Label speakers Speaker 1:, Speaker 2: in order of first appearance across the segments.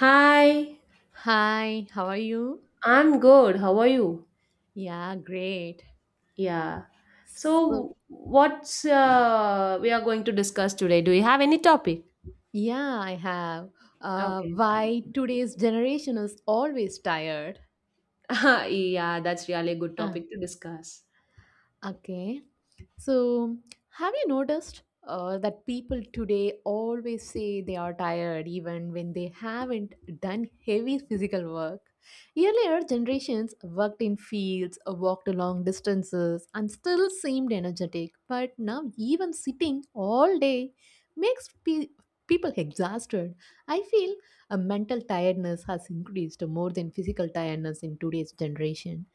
Speaker 1: Hi,
Speaker 2: Hi, how are you?
Speaker 1: I'm good. How are you?
Speaker 2: Yeah, great.
Speaker 1: Yeah.
Speaker 2: So,
Speaker 1: So, what's we are going to discuss today? Do you have any topic?
Speaker 2: yeah, I have.
Speaker 1: Okay.
Speaker 2: Why today's generation is always tired?
Speaker 1: Yeah, that's really a good
Speaker 2: Uh,
Speaker 1: topic to discuss.
Speaker 2: Okay. So, have you noticed that people today always say they are tired even when they haven't done heavy physical work? Earlier generations worked in fields, walked long distances, and still seemed energetic. But now, even sitting all day makes people exhausted. I feel a mental tiredness has increased more than physical tiredness in today's generation.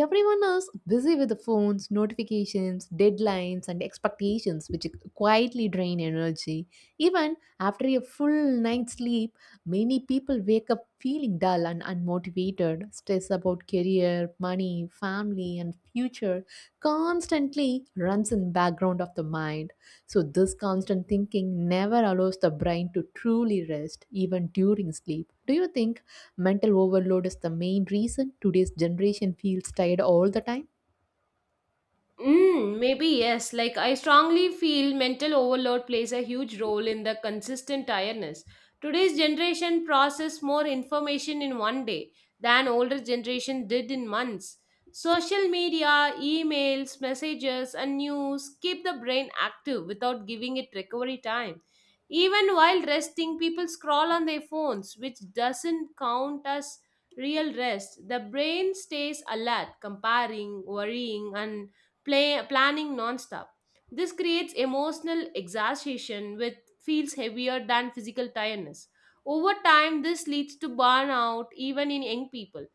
Speaker 2: Everyone is busy with the phones, notifications, deadlines, and expectations, which quietly drain energy. Even after a full night's sleep, many people wake up feeling dull and unmotivated. Stress about career, money, family, and future constantly runs in the background of the mind. So, this constant thinking never allows the brain to truly rest, even during sleep. Do you think? Mental overload is the main reason today's generation feels tired all the time.
Speaker 1: Mm, maybe yes. Like I strongly feel mental overload plays a huge role in the consistent tiredness. Today's generation process more information in one day than older generation did in months. Social media, emails, messages, and news keep the brain active without giving it recovery time. Even while resting, people scroll on their phones, which doesn't count as real rest. The brain stays alert, comparing, worrying, and planning nonstop. This creates emotional exhaustion, which feels heavier than physical tiredness. Over time, this leads to burnout even in young people.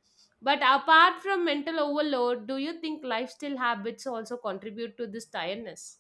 Speaker 1: But apart from mental overload, do you think lifestyle habits also contribute to this tiredness?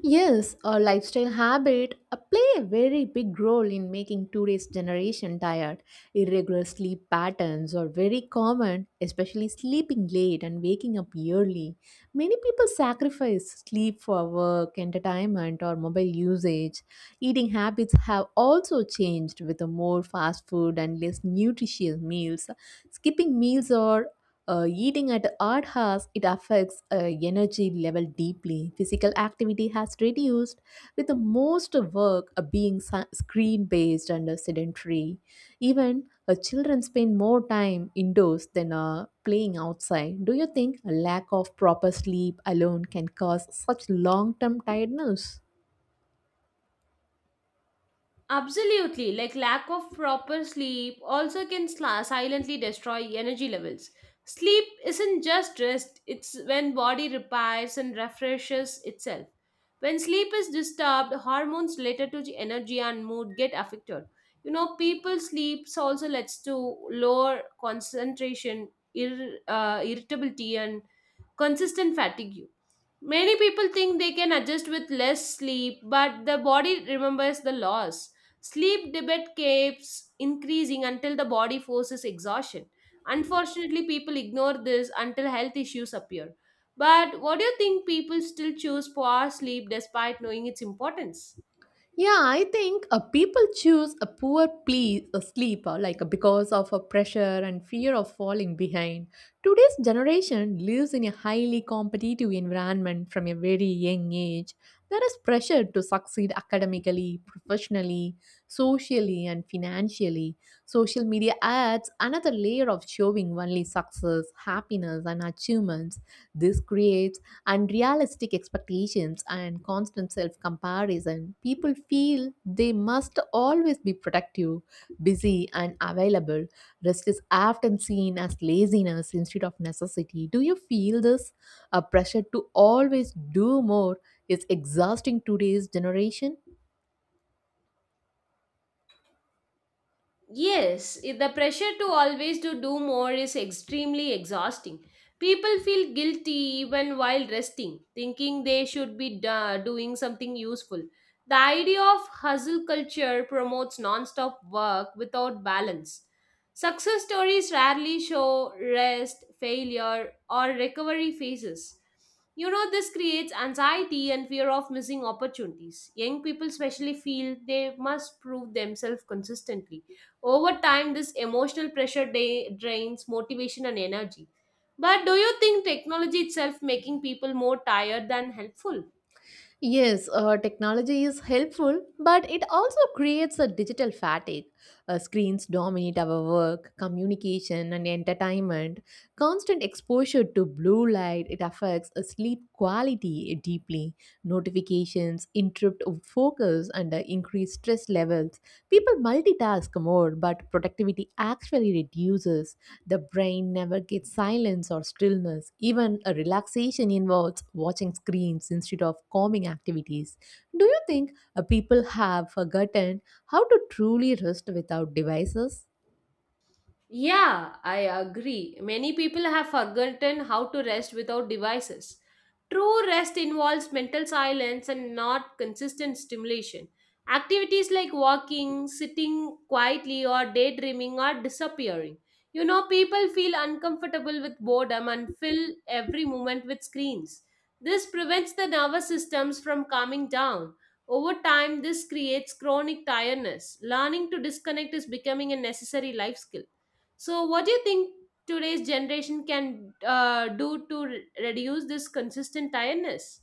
Speaker 2: Yes, a lifestyle habit play a very big role in making today's generation tired. Irregular sleep patterns are very common, especially sleeping late and waking up early. Many people sacrifice sleep for work, entertainment, or mobile usage. Eating habits have also changed with a more fast food and less nutritious meals. Skipping meals or eating at odd hours, it affects energy level deeply. Physical activity has reduced, with the most work being screen based and sedentary. Even children spend more time indoors than playing outside. Do you think a lack of proper sleep alone can cause such long term tiredness?
Speaker 1: Absolutely, like lack of proper sleep also can silently destroy energy levels. Sleep isn't just rest, it's when body repairs and refreshes itself. When sleep is disturbed, hormones related to the energy and mood get affected. You know, people sleeps also leads to lower concentration, irritability and consistent fatigue. Many people think they can adjust with less sleep, but the body remembers the loss. Sleep debt keeps increasing until the body forces exhaustion. Unfortunately, people ignore this until health issues appear. But what do you think people still choose poor sleep despite knowing its importance?
Speaker 2: Yeah, I think people choose a a sleep because of a pressure and fear of falling behind. Today's generation lives in a highly competitive environment from a very young age. There is pressure to succeed academically, professionally, socially, and financially. Social media adds another layer of showing only success, happiness, and achievements. This creates unrealistic expectations and constant self comparison. People feel they must always be productive, busy, and available. Rest is often seen as laziness instead of necessity. Do you feel this? A pressure to always do more is exhausting today's generation.
Speaker 1: Yes, the pressure to always to do more is extremely exhausting. People feel guilty even while resting, thinking they should be doing something useful. The idea of hustle culture promotes non-stop work without balance. Success stories rarely show rest, failure, or recovery phases. You know, this creates anxiety and fear of missing opportunities. Young people, especially, feel they must prove themselves consistently over time, this emotional pressure drains motivation and energy. But do you think technology itself making people more tired than helpful?
Speaker 2: Yes, technology is helpful, but it also creates a digital fatigue. Screens dominate our work, communication, and entertainment. Constant exposure to blue light it affects sleep quality deeply. Notifications interrupt focus and increase stress levels. People multitask more, but productivity actually reduces. The brain never gets silence or stillness. Even a relaxation involves watching screens instead of calming activities. Do you think people have forgotten how to truly rest without devices?
Speaker 1: Yeah, I agree. Many people have forgotten how to rest without devices. True rest involves mental silence and not consistent stimulation. Activities like walking, sitting quietly, or daydreaming are disappearing. You know, people feel uncomfortable with boredom and fill every moment with screens. This prevents the nervous systems from calming down. Over time, this creates chronic tiredness. Learning to disconnect is becoming a necessary life skill. So, what do you think today's generation can do to reduce this consistent tiredness?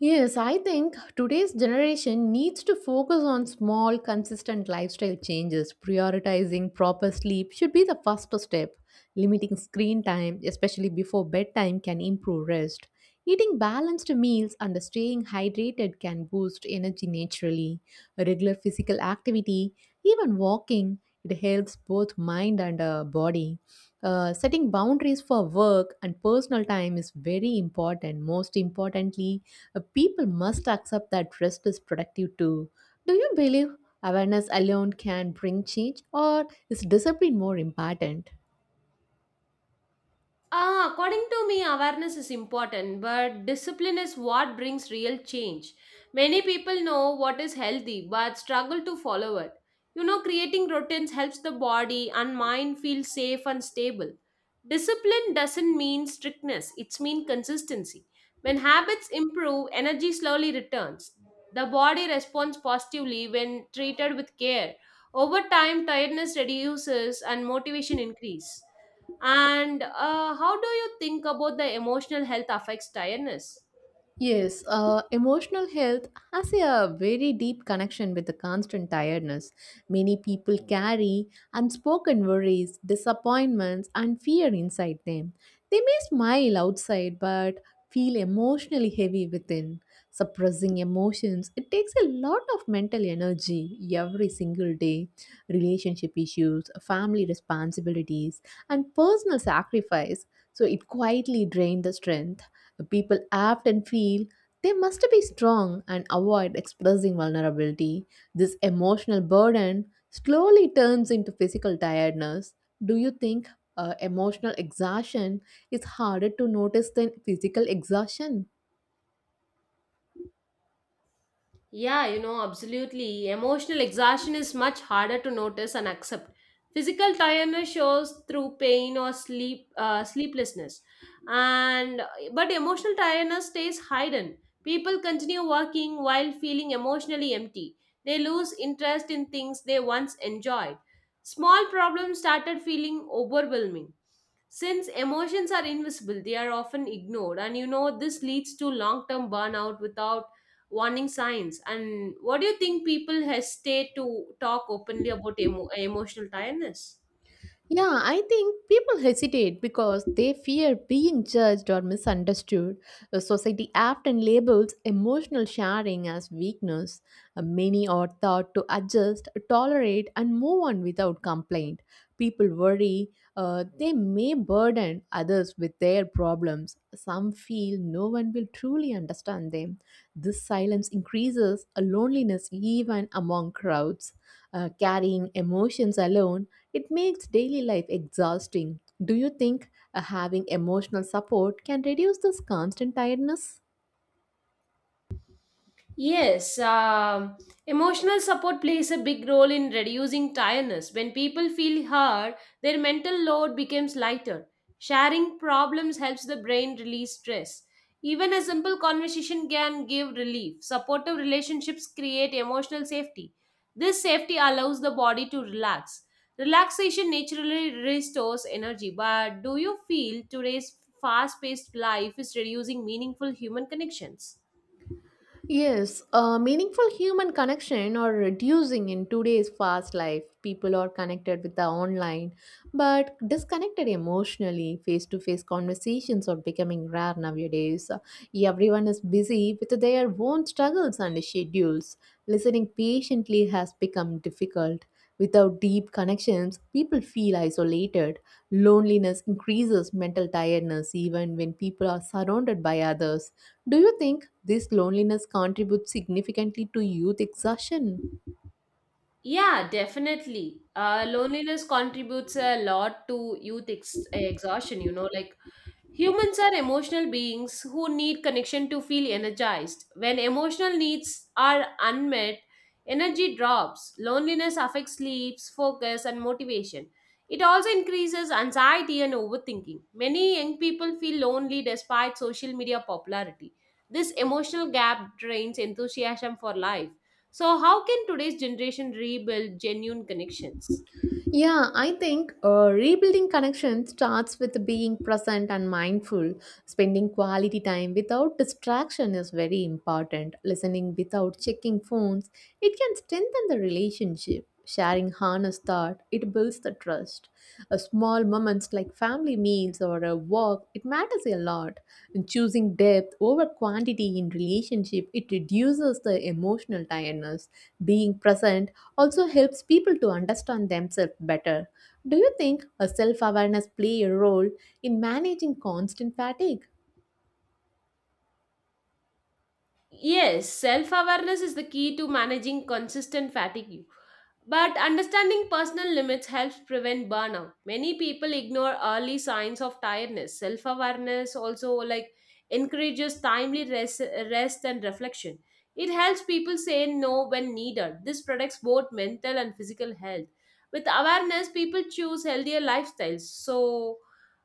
Speaker 2: Yes, I think today's generation needs to focus on small, consistent lifestyle changes. Prioritizing proper sleep should be the first step. Limiting screen time, especially before bedtime, can improve rest. Eating balanced meals and staying hydrated can boost energy naturally. Regular physical activity, even walking, it helps both mind and body. Setting boundaries for work and personal time is very important. Most importantly, people must accept that rest is productive too. Do you believe awareness alone can bring change, or is discipline more important?
Speaker 1: Ah, according to me, awareness is important, but discipline is what brings real change. Many people know what is healthy but struggle to follow it. You know, creating routines helps the body and mind feel safe and stable. Discipline doesn't mean strictness, it's mean consistency. When habits improve, energy slowly returns. The body responds positively when treated with care. Over time, tiredness reduces and motivation increase. And how do you think about the emotional health affects tiredness?
Speaker 2: Yes, emotional health has a very deep connection with the constant tiredness many people carry, unspoken worries, disappointments, and fear inside them. They may smile outside but feel emotionally heavy within. Suppressing emotions, it takes a lot of mental energy every single day. Relationship issues, family responsibilities, and personal sacrifice so it quietly drains the strength. People often feel they must be strong and avoid expressing vulnerability. This emotional burden slowly turns into physical tiredness. Do you think emotional exhaustion is harder to notice than physical exhaustion?
Speaker 1: Yeah, you know, absolutely. Emotional exhaustion is much harder to notice and accept. Physical tiredness shows through pain or sleeplessness, and but emotional tiredness stays hidden. People continue working while feeling emotionally empty. They lose interest in things they once enjoyed. Small problems started feeling overwhelming. Since emotions are invisible, they are often ignored, and you know this leads to long-term burnout without warning signs. And what do you think people hesitate to talk openly about emotional tiredness?
Speaker 2: Yeah, I think people hesitate because they fear being judged or misunderstood. The society often labels emotional sharing as weakness. Many are taught to adjust, tolerate, and move on without complaint. People worry they may burden others with their problems. Some feel no one will truly understand them. This silence increases a loneliness even among crowds. Carrying emotions alone it makes daily life exhausting. Do you think having emotional support can reduce this constant tiredness?
Speaker 1: Yes, emotional support plays a big role in reducing tiredness. When people feel heard, their mental load becomes lighter. Sharing problems helps the brain release stress. Even a simple conversation can give relief. Supportive relationships create emotional safety. This safety allows the body to relax. Relaxation naturally restores energy. But do you feel today's fast paced life is reducing meaningful human connections?
Speaker 2: Yes, a meaningful human connection are reducing in today's fast life. People are connected with the online, but disconnected emotionally. Face to face conversations are becoming rare nowadays. Everyone is busy with their own struggles and schedules. Listening patiently has become difficult. Without deep connections, people feel isolated. Loneliness increases mental tiredness even when people are surrounded by others. Do you think this loneliness contributes significantly to youth exhaustion?
Speaker 1: Yeah, definitely. Loneliness contributes a lot to youth ex exhaustion, you know, like humans are emotional beings who need connection to feel energized. When emotional needs are unmet, energy drops. Loneliness affects sleep, focus, and motivation. It also increases anxiety and overthinking. Many young people feel lonely despite social media popularity. This emotional gap drains enthusiasm for life. So, how can today's generation rebuild genuine connections?
Speaker 2: Yeah, I think rebuilding connection starts with being present and mindful. Spending quality time without distraction is very important. Listening without checking phones, it can strengthen the relationship. Sharing honest thought, it builds the trust. A small moments like family meals or a walk, it matters a lot. And choosing depth over quantity in relationship, it reduces the emotional tiredness. Being present also helps people to understand themselves better. Do you think a self awareness play a role in managing constant fatigue?
Speaker 1: Yes, self awareness is the key to managing consistent fatigue. But understanding personal limits helps prevent burnout. Many people ignore early signs of tiredness. Self awareness also like encourages timely rest, rest and reflection. It helps people say no when needed. This protects both mental and physical health. With awareness, people choose healthier lifestyles. So,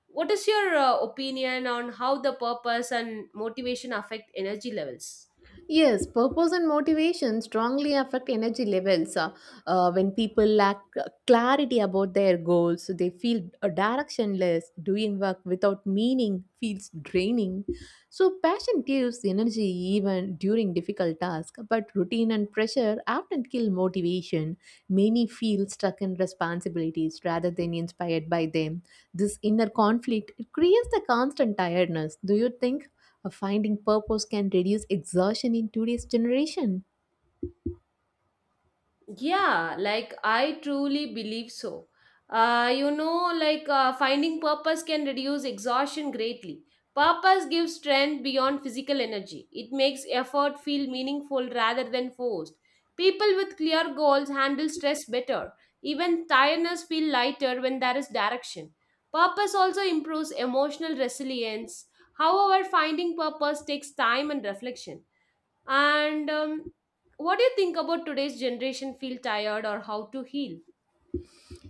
Speaker 1: what is your opinion on how the purpose and motivation affect energy levels?
Speaker 2: Yes, purpose and motivation strongly affect energy levels. When people lack clarity about their goals, they feel directionless, doing work without meaning feels draining. So, passion gives energy even during difficult tasks, but routine and pressure often kill motivation. Many feel stuck in responsibilities rather than inspired by them. This inner conflict it creates a constant tiredness. Do you think? Finding purpose can reduce exhaustion in today's generation.
Speaker 1: Yeah, like I truly believe so. Finding purpose can reduce exhaustion greatly. Purpose gives strength beyond physical energy, it makes effort feel meaningful rather than forced. People with clear goals handle stress better. Even tiredness feel lighter when there is direction. Purpose also improves emotional resilience. However, finding purpose takes time and reflection. And what do you think about today's generation feel tired or how to heal?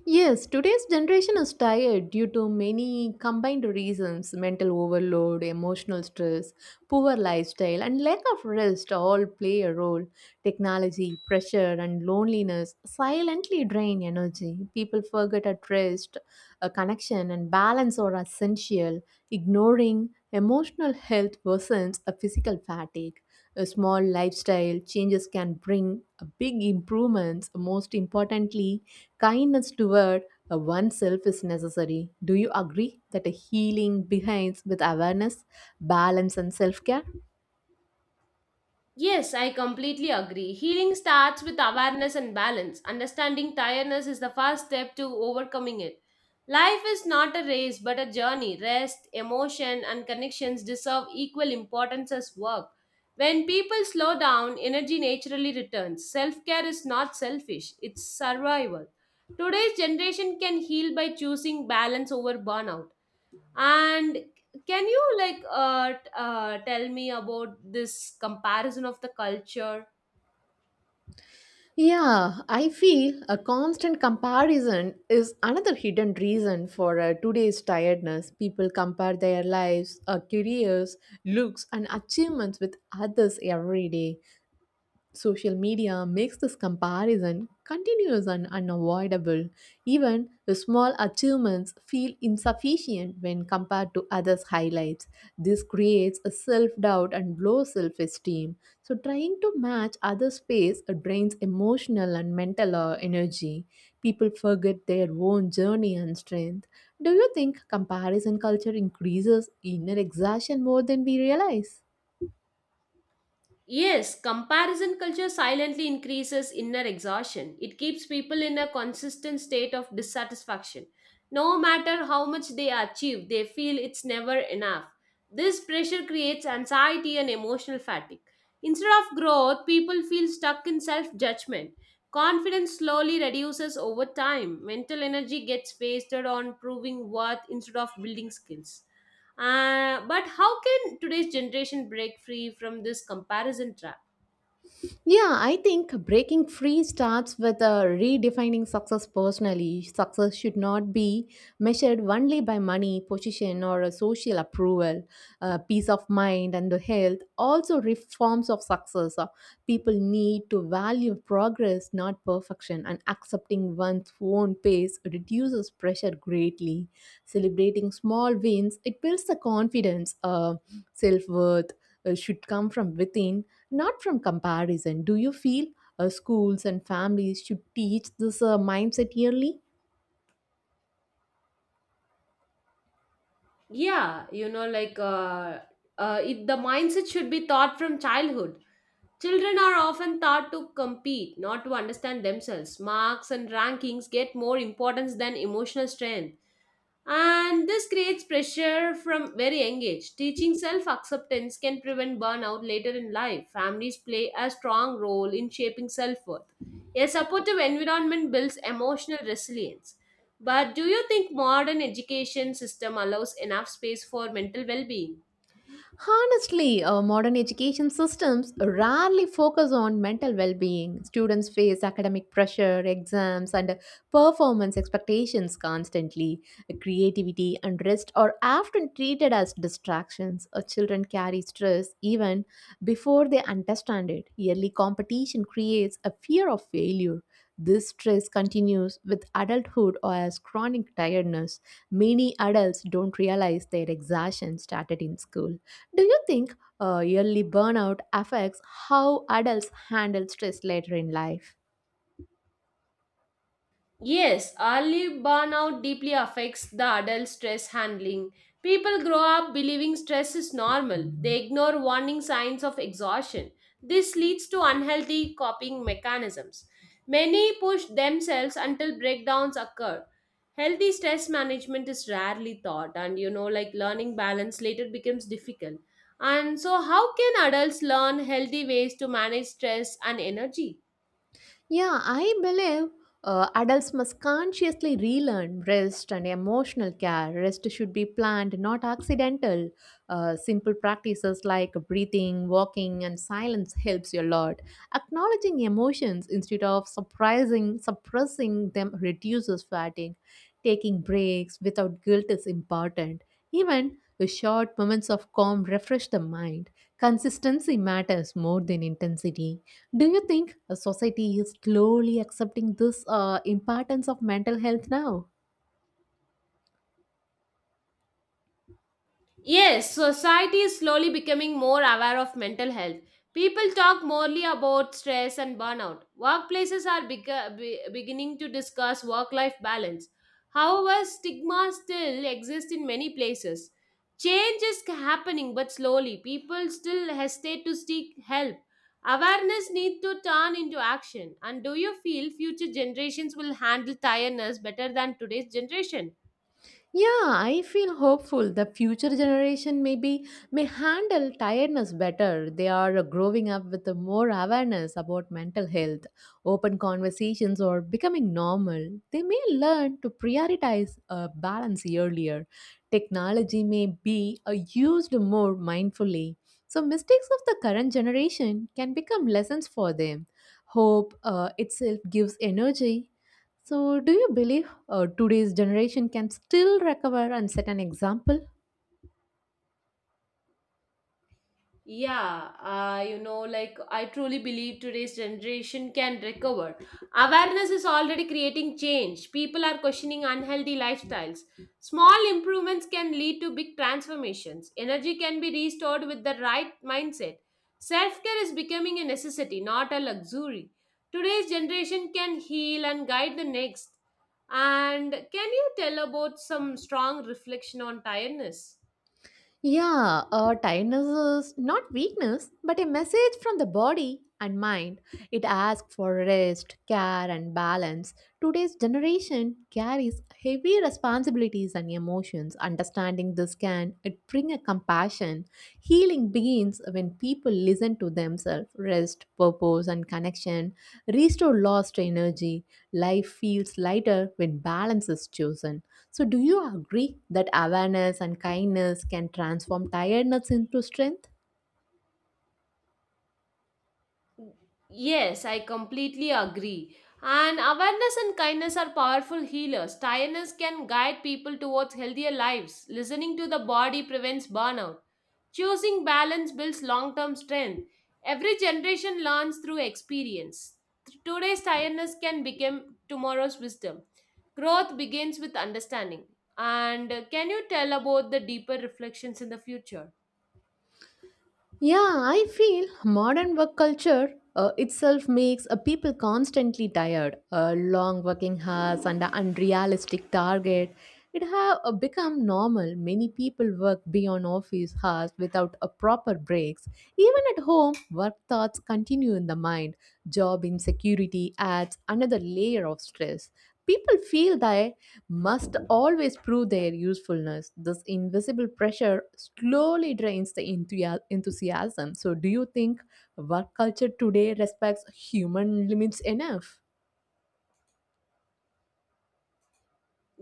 Speaker 2: Yes, today's generation is tired due to many combined reasons mental overload, emotional stress, poor lifestyle, and lack of rest all play a role. Technology, pressure, and loneliness silently drain energy. People forget at rest, a connection, and balance are essential. Ignoring emotional health worsens a physical fatigue. A small lifestyle changes can bring a big improvements. Most importantly, kindness toward oneself is necessary. Do you agree that a healing begins with awareness, balance, and self care?
Speaker 1: Yes, I completely agree. Healing starts with awareness and balance. Understanding tiredness is the first step to overcoming it. Life is not a race but a journey. Rest, emotion, and connections deserve equal importance as work. When people slow down, energy naturally returns. Self care is not selfish, it's survival. Today's generation can heal by choosing balance over burnout. And can you like tell me about this comparison of the culture?
Speaker 2: Yeah, I feel a constant comparison is another hidden reason for today's tiredness. People compare their lives, careers, looks, and achievements with others every day. Social media makes this comparison continuous and unavoidable. Even the small achievements feel insufficient when compared to others' highlights. This creates a self doubt and low self esteem. So, trying to match others' pace drains emotional and mental energy. People forget their own journey and strength. Do you think comparison culture increases inner exhaustion more than we realize?
Speaker 1: Yes, comparison culture silently increases inner exhaustion. It keeps people in a consistent state of dissatisfaction. No matter how much they achieve, they feel it's never enough. This pressure creates anxiety and emotional fatigue. Instead of growth, people feel stuck in self judgment. Confidence slowly reduces over time. Mental energy gets wasted on proving worth instead of building skills. But how can today's generation break free from this comparison trap?
Speaker 2: Yeah, I think breaking free starts with redefining success personally. Success should not be measured only by money, position, or a social approval, peace of mind, and the health. Also, reforms of success. People need to value progress, not perfection, and accepting one's own pace reduces pressure greatly. Celebrating small wins, it builds the confidence. Self worth should come from within, not from comparison. Do you feel schools and families should teach this mindset yearly?
Speaker 1: Yeah, the mindset should be taught from childhood. Children are often taught to compete, not to understand themselves. Marks and rankings get more importance than emotional strength. And this creates pressure from very young age. Teaching self acceptance can prevent burnout later in life. Families play a strong role in shaping self worth. A supportive environment builds emotional resilience. But do you think modern education system allows enough space for mental well being?
Speaker 2: Honestly, our modern education systems rarely focus on mental well being. Students face academic pressure, exams, and performance expectations constantly. Creativity and rest are often treated as distractions. Our children carry stress even before they understand it. Yearly competition creates a fear of failure. This stress continues with adulthood or as chronic tiredness. Many adults don't realize their exhaustion started in school. Do you think early burnout affects how adults handle stress later in life?
Speaker 1: Yes, early burnout deeply affects the adult stress handling. People grow up believing stress is normal. They ignore warning signs of exhaustion. This leads to unhealthy coping mechanisms. Many push themselves until breakdowns occur. Healthy stress management is rarely taught, and you know, like learning balance later becomes difficult. And so, how can adults learn healthy ways to manage stress and energy?
Speaker 2: Yeah, I believe adults must consciously relearn rest and emotional care. Rest should be planned, not accidental. Simple practices like breathing, walking, and silence helps you a lot. Acknowledging emotions instead of surprising, suppressing them reduces fatigue. Taking breaks without guilt is important. Even the short moments of calm refresh the mind. Consistency matters more than intensity. Do you think a society is slowly accepting this importance of mental health now?
Speaker 1: Yes, society is slowly becoming more aware of mental health. People talk morely about stress and burnout. Workplaces are beginning to discuss work life balance. However, stigma still exists in many places. Change is happening but slowly. People still hesitate to seek help. Awareness needs to turn into action. And do you feel future generations will handle tiredness better than today's generation?
Speaker 2: Yeah, I feel hopeful the future generation maybe may handle tiredness better. They are growing up with more awareness about mental health, open conversations or becoming normal. They may learn to prioritize balance earlier. Technology may be used more mindfully. So mistakes of the current generation can become lessons for them. Hope itself gives energy. So do you believe today's generation can still recover and set an example?
Speaker 1: Yeah, I truly believe today's generation can recover. Awareness is already creating change. People are questioning unhealthy lifestyles. Small improvements can lead to big transformations. Energy can be restored with the right mindset. Self care is becoming a necessity, not a luxury. Today's generation can heal and guide the next. And can you tell about some strong reflection on tiredness?
Speaker 2: Yeah, tiredness is not weakness, but a message from the body and mind. It asks for rest, care, and balance. Today's generation carries heavy responsibilities and emotions. Understanding this can it bring a compassion. Healing begins when people listen to themselves. Rest, purpose, and connection restore lost energy. Life feels lighter when balance is chosen. So, do you agree that awareness and kindness can transform tiredness into strength?
Speaker 1: Yes, I completely agree. And awareness and kindness are powerful healers. Tiredness can guide people towards healthier lives. Listening to the body prevents burnout. Choosing balance builds long term strength. Every generation learns through experience. Today's tiredness can become tomorrow's wisdom. Growth begins with understanding. And can you tell about the deeper reflections in the future?
Speaker 2: Yeah, I feel modern work culture itself makes people constantly tired. Long working hours and a unrealistic target. It have become normal. Many people work beyond office hours without a proper breaks. Even at home, work thoughts continue in the mind. Job insecurity adds another layer of stress. People feel they must always prove their usefulness. This invisible pressure slowly drains the enthusiasm. So, do you think work culture today respects human limits enough?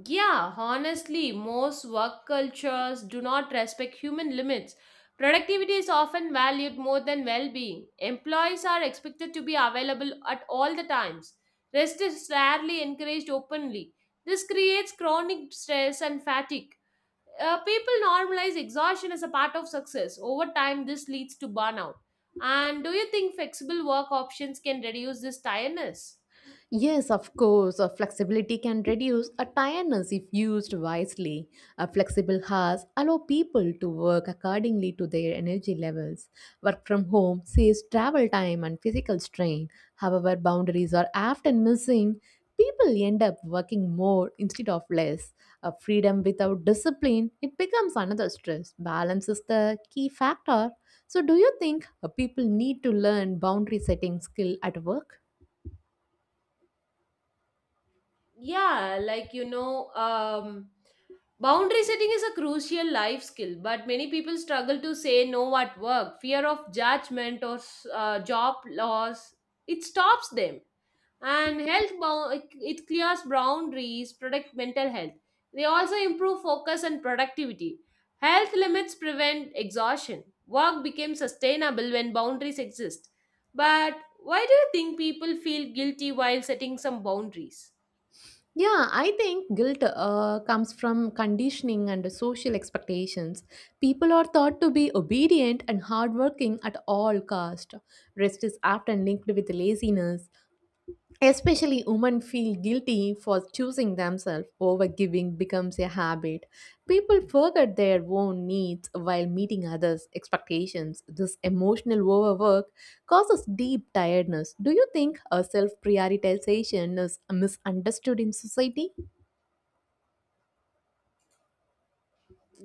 Speaker 1: Yeah, honestly, most work cultures do not respect human limits. Productivity is often valued more than well being. Employees are expected to be available at all the times. Rest is rarely encouraged openly. This creates chronic stress and fatigue. People normalize exhaustion as a part of success. Over time, this leads to burnout. And do you think flexible work options can reduce this tiredness?
Speaker 2: Yes, of course, flexibility can reduce a tiredness if used wisely. A flexible hours allow people to work accordingly to their energy levels. Work from home saves travel time and physical strain. However, boundaries are often missing. People end up working more instead of less. A freedom without discipline, it becomes another stress. Balance is the key factor. So, do you think people need to learn boundary setting skill at work?
Speaker 1: Yeah, like you know, boundary setting is a crucial life skill, but many people struggle to say no at work. Fear of judgment or job loss, it stops them. And it clears boundaries, protect mental health. They also improve focus and productivity. Health limits prevent exhaustion. Work becomes sustainable when boundaries exist. But why do you think people feel guilty while setting some boundaries?
Speaker 2: Yeah, I think guilt comes from conditioning and social expectations. People are thought to be obedient and hardworking at all cost. Rest is often linked with laziness. Especially women feel guilty for choosing themselves. Overgiving becomes a habit. People forget their own needs while meeting others' expectations. This emotional overwork causes deep tiredness. Do you think a self-prioritization is misunderstood in society?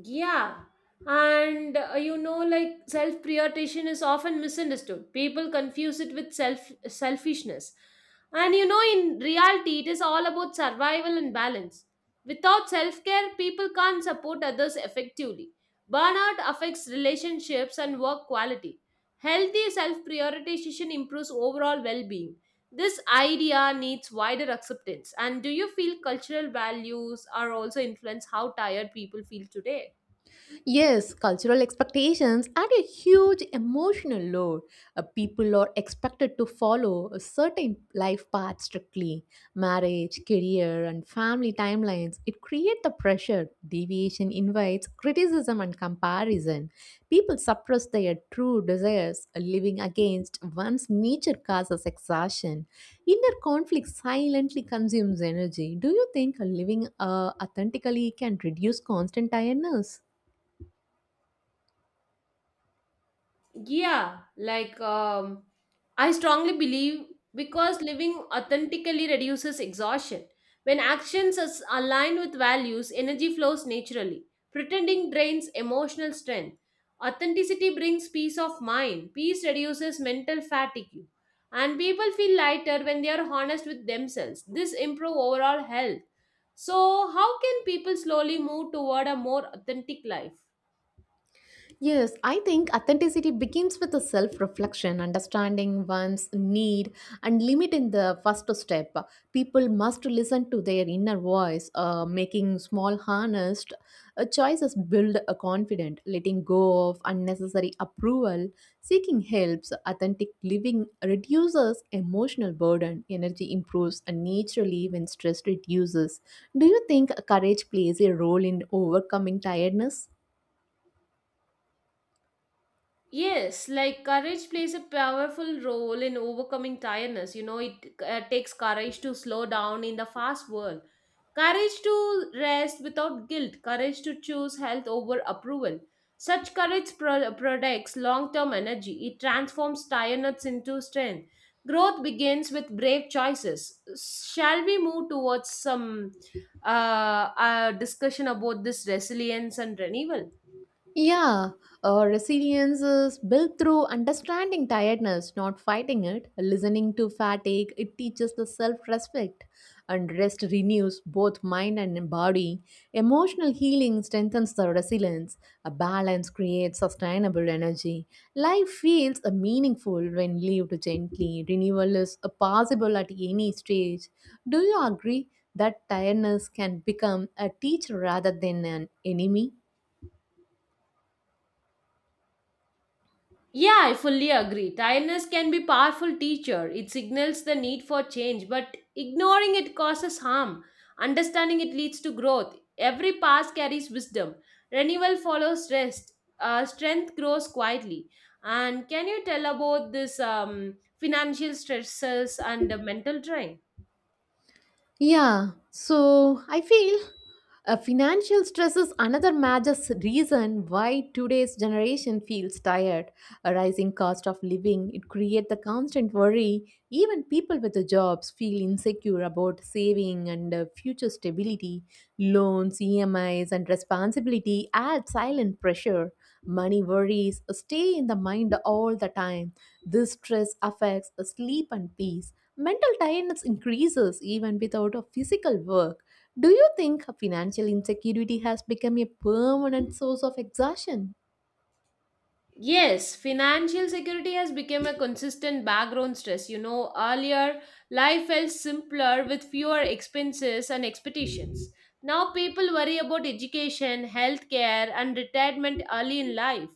Speaker 1: Yeah, and you know, like self prioritization is often misunderstood. People confuse it with selfishness, and you know, in reality, it is all about survival and balance. Without self care, people can't support others effectively. Burnout affects relationships and work quality. Healthy self prioritization improves overall well being. This idea needs wider acceptance. And do you feel cultural values are also influence how tired people feel today?
Speaker 2: Yes, cultural expectations add a huge emotional load. People are expected to follow a certain life path strictly. Marriage, career, and family timelines. It creates the pressure. Deviation invites criticism and comparison. People suppress their true desires, living against one's nature causes exhaustion. Inner conflict silently consumes energy. Do you think living authentically can reduce constant tiredness?
Speaker 1: Yeah, like um, I strongly believe because living authentically reduces exhaustion. When actions are aligned with values, energy flows naturally. Pretending drains emotional strength. Authenticity brings peace of mind. Peace reduces mental fatigue. And people feel lighter when they are honest with themselves. This improves overall health. So, how can people slowly move toward a more authentic life?
Speaker 2: Yes, I think authenticity begins with a self reflection, understanding one's need, and limit in the first step. People must listen to their inner voice, making small, honest choices build a confident, letting go of unnecessary approval, seeking helps. Authentic living reduces emotional burden, energy improves, and naturally, when stress reduces. Do you think courage plays a role in overcoming tiredness?
Speaker 1: Yes, like courage plays a powerful role in overcoming tiredness. You know, it takes courage to slow down in the fast world, courage to rest without guilt, courage to choose health over approval. Such courage products long term energy, it transforms tiredness into strength. Growth begins with brave choices. Shall we move towards some uh, discussion about this resilience and renewal?
Speaker 2: Yeah, resilience is built through understanding tiredness, not fighting it. Listening to fatigue, it teaches the self respect, and rest renews both mind and body. Emotional healing strengthens the resilience. A balance creates sustainable energy. Life feels meaningful when lived gently. Renewal is possible at any stage. Do you agree that tiredness can become a teacher rather than an enemy?
Speaker 1: Yeah, I fully agree. Tiredness can be powerful teacher. It signals the need for change, but ignoring it causes harm. Understanding it leads to growth. Every pass carries wisdom. Renewal follows rest. Strength grows quietly. And can you tell about this financial stresses and the mental drain?
Speaker 2: Yeah, so I feel financial stress is another major reason why today's generation feels tired. A rising cost of living, it creates the constant worry. Even people with the jobs feel insecure about saving and future stability. Loans, EMIs, and responsibility add silent pressure. Money worries stay in the mind all the time. This stress affects sleep and peace. Mental tiredness increases even without a physical work. Do you think financial insecurity has become a permanent source of exhaustion?
Speaker 1: Yes, financial security has become a consistent background stress. You know, earlier life felt simpler with fewer expenses and expectations. Now people worry about education, healthcare, and retirement early in life.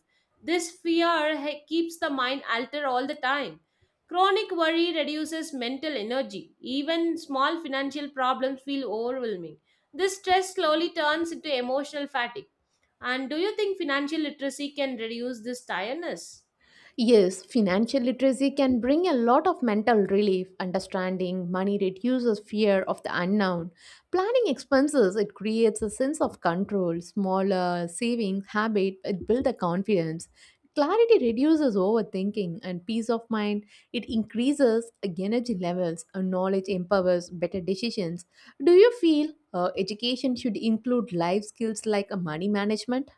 Speaker 1: This fear keeps the mind altered all the time. Chronic worry reduces mental energy. Even small financial problems feel overwhelming. This stress slowly turns into emotional fatigue. And do you think financial literacy can reduce this tiredness?
Speaker 2: Yes, financial literacy can bring a lot of mental relief. Understanding money reduces fear of the unknown. Planning expenses, it creates a sense of control. Smaller savings habit, it builds the confidence. Clarity reduces overthinking and peace of mind. It increases energy levels and knowledge empowers better decisions. Do you feel education should include life skills like money management?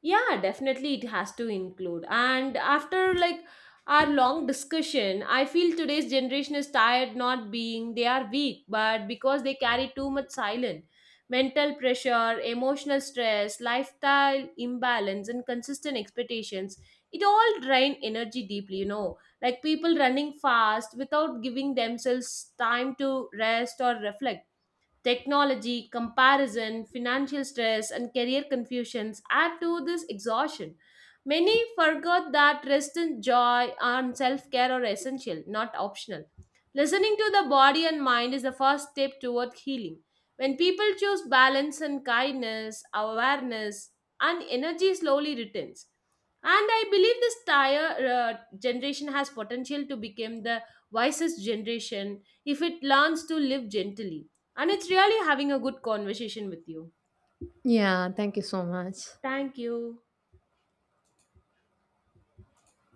Speaker 1: Yeah, definitely it has to include. And after like our long discussion, I feel today's generation is tired not being they are weak, but because they carry too much silent mental pressure, emotional stress, lifestyle imbalance, and consistent expectations. It all drain energy deeply, you know. Like people running fast without giving themselves time to rest or reflect technology, comparison, financial stress, and career confusions add to this exhaustion. Many forgot that rest and joy and self care are essential, not optional. Listening to the body and mind is the first step toward healing. When people choose balance and kindness, awareness, and energy slowly returns. And I believe this tire generation has potential to become the wisest generation if it learns to live gently. And it's really having a good conversation with you.
Speaker 2: Yeah, thank you so much.
Speaker 1: Thank you.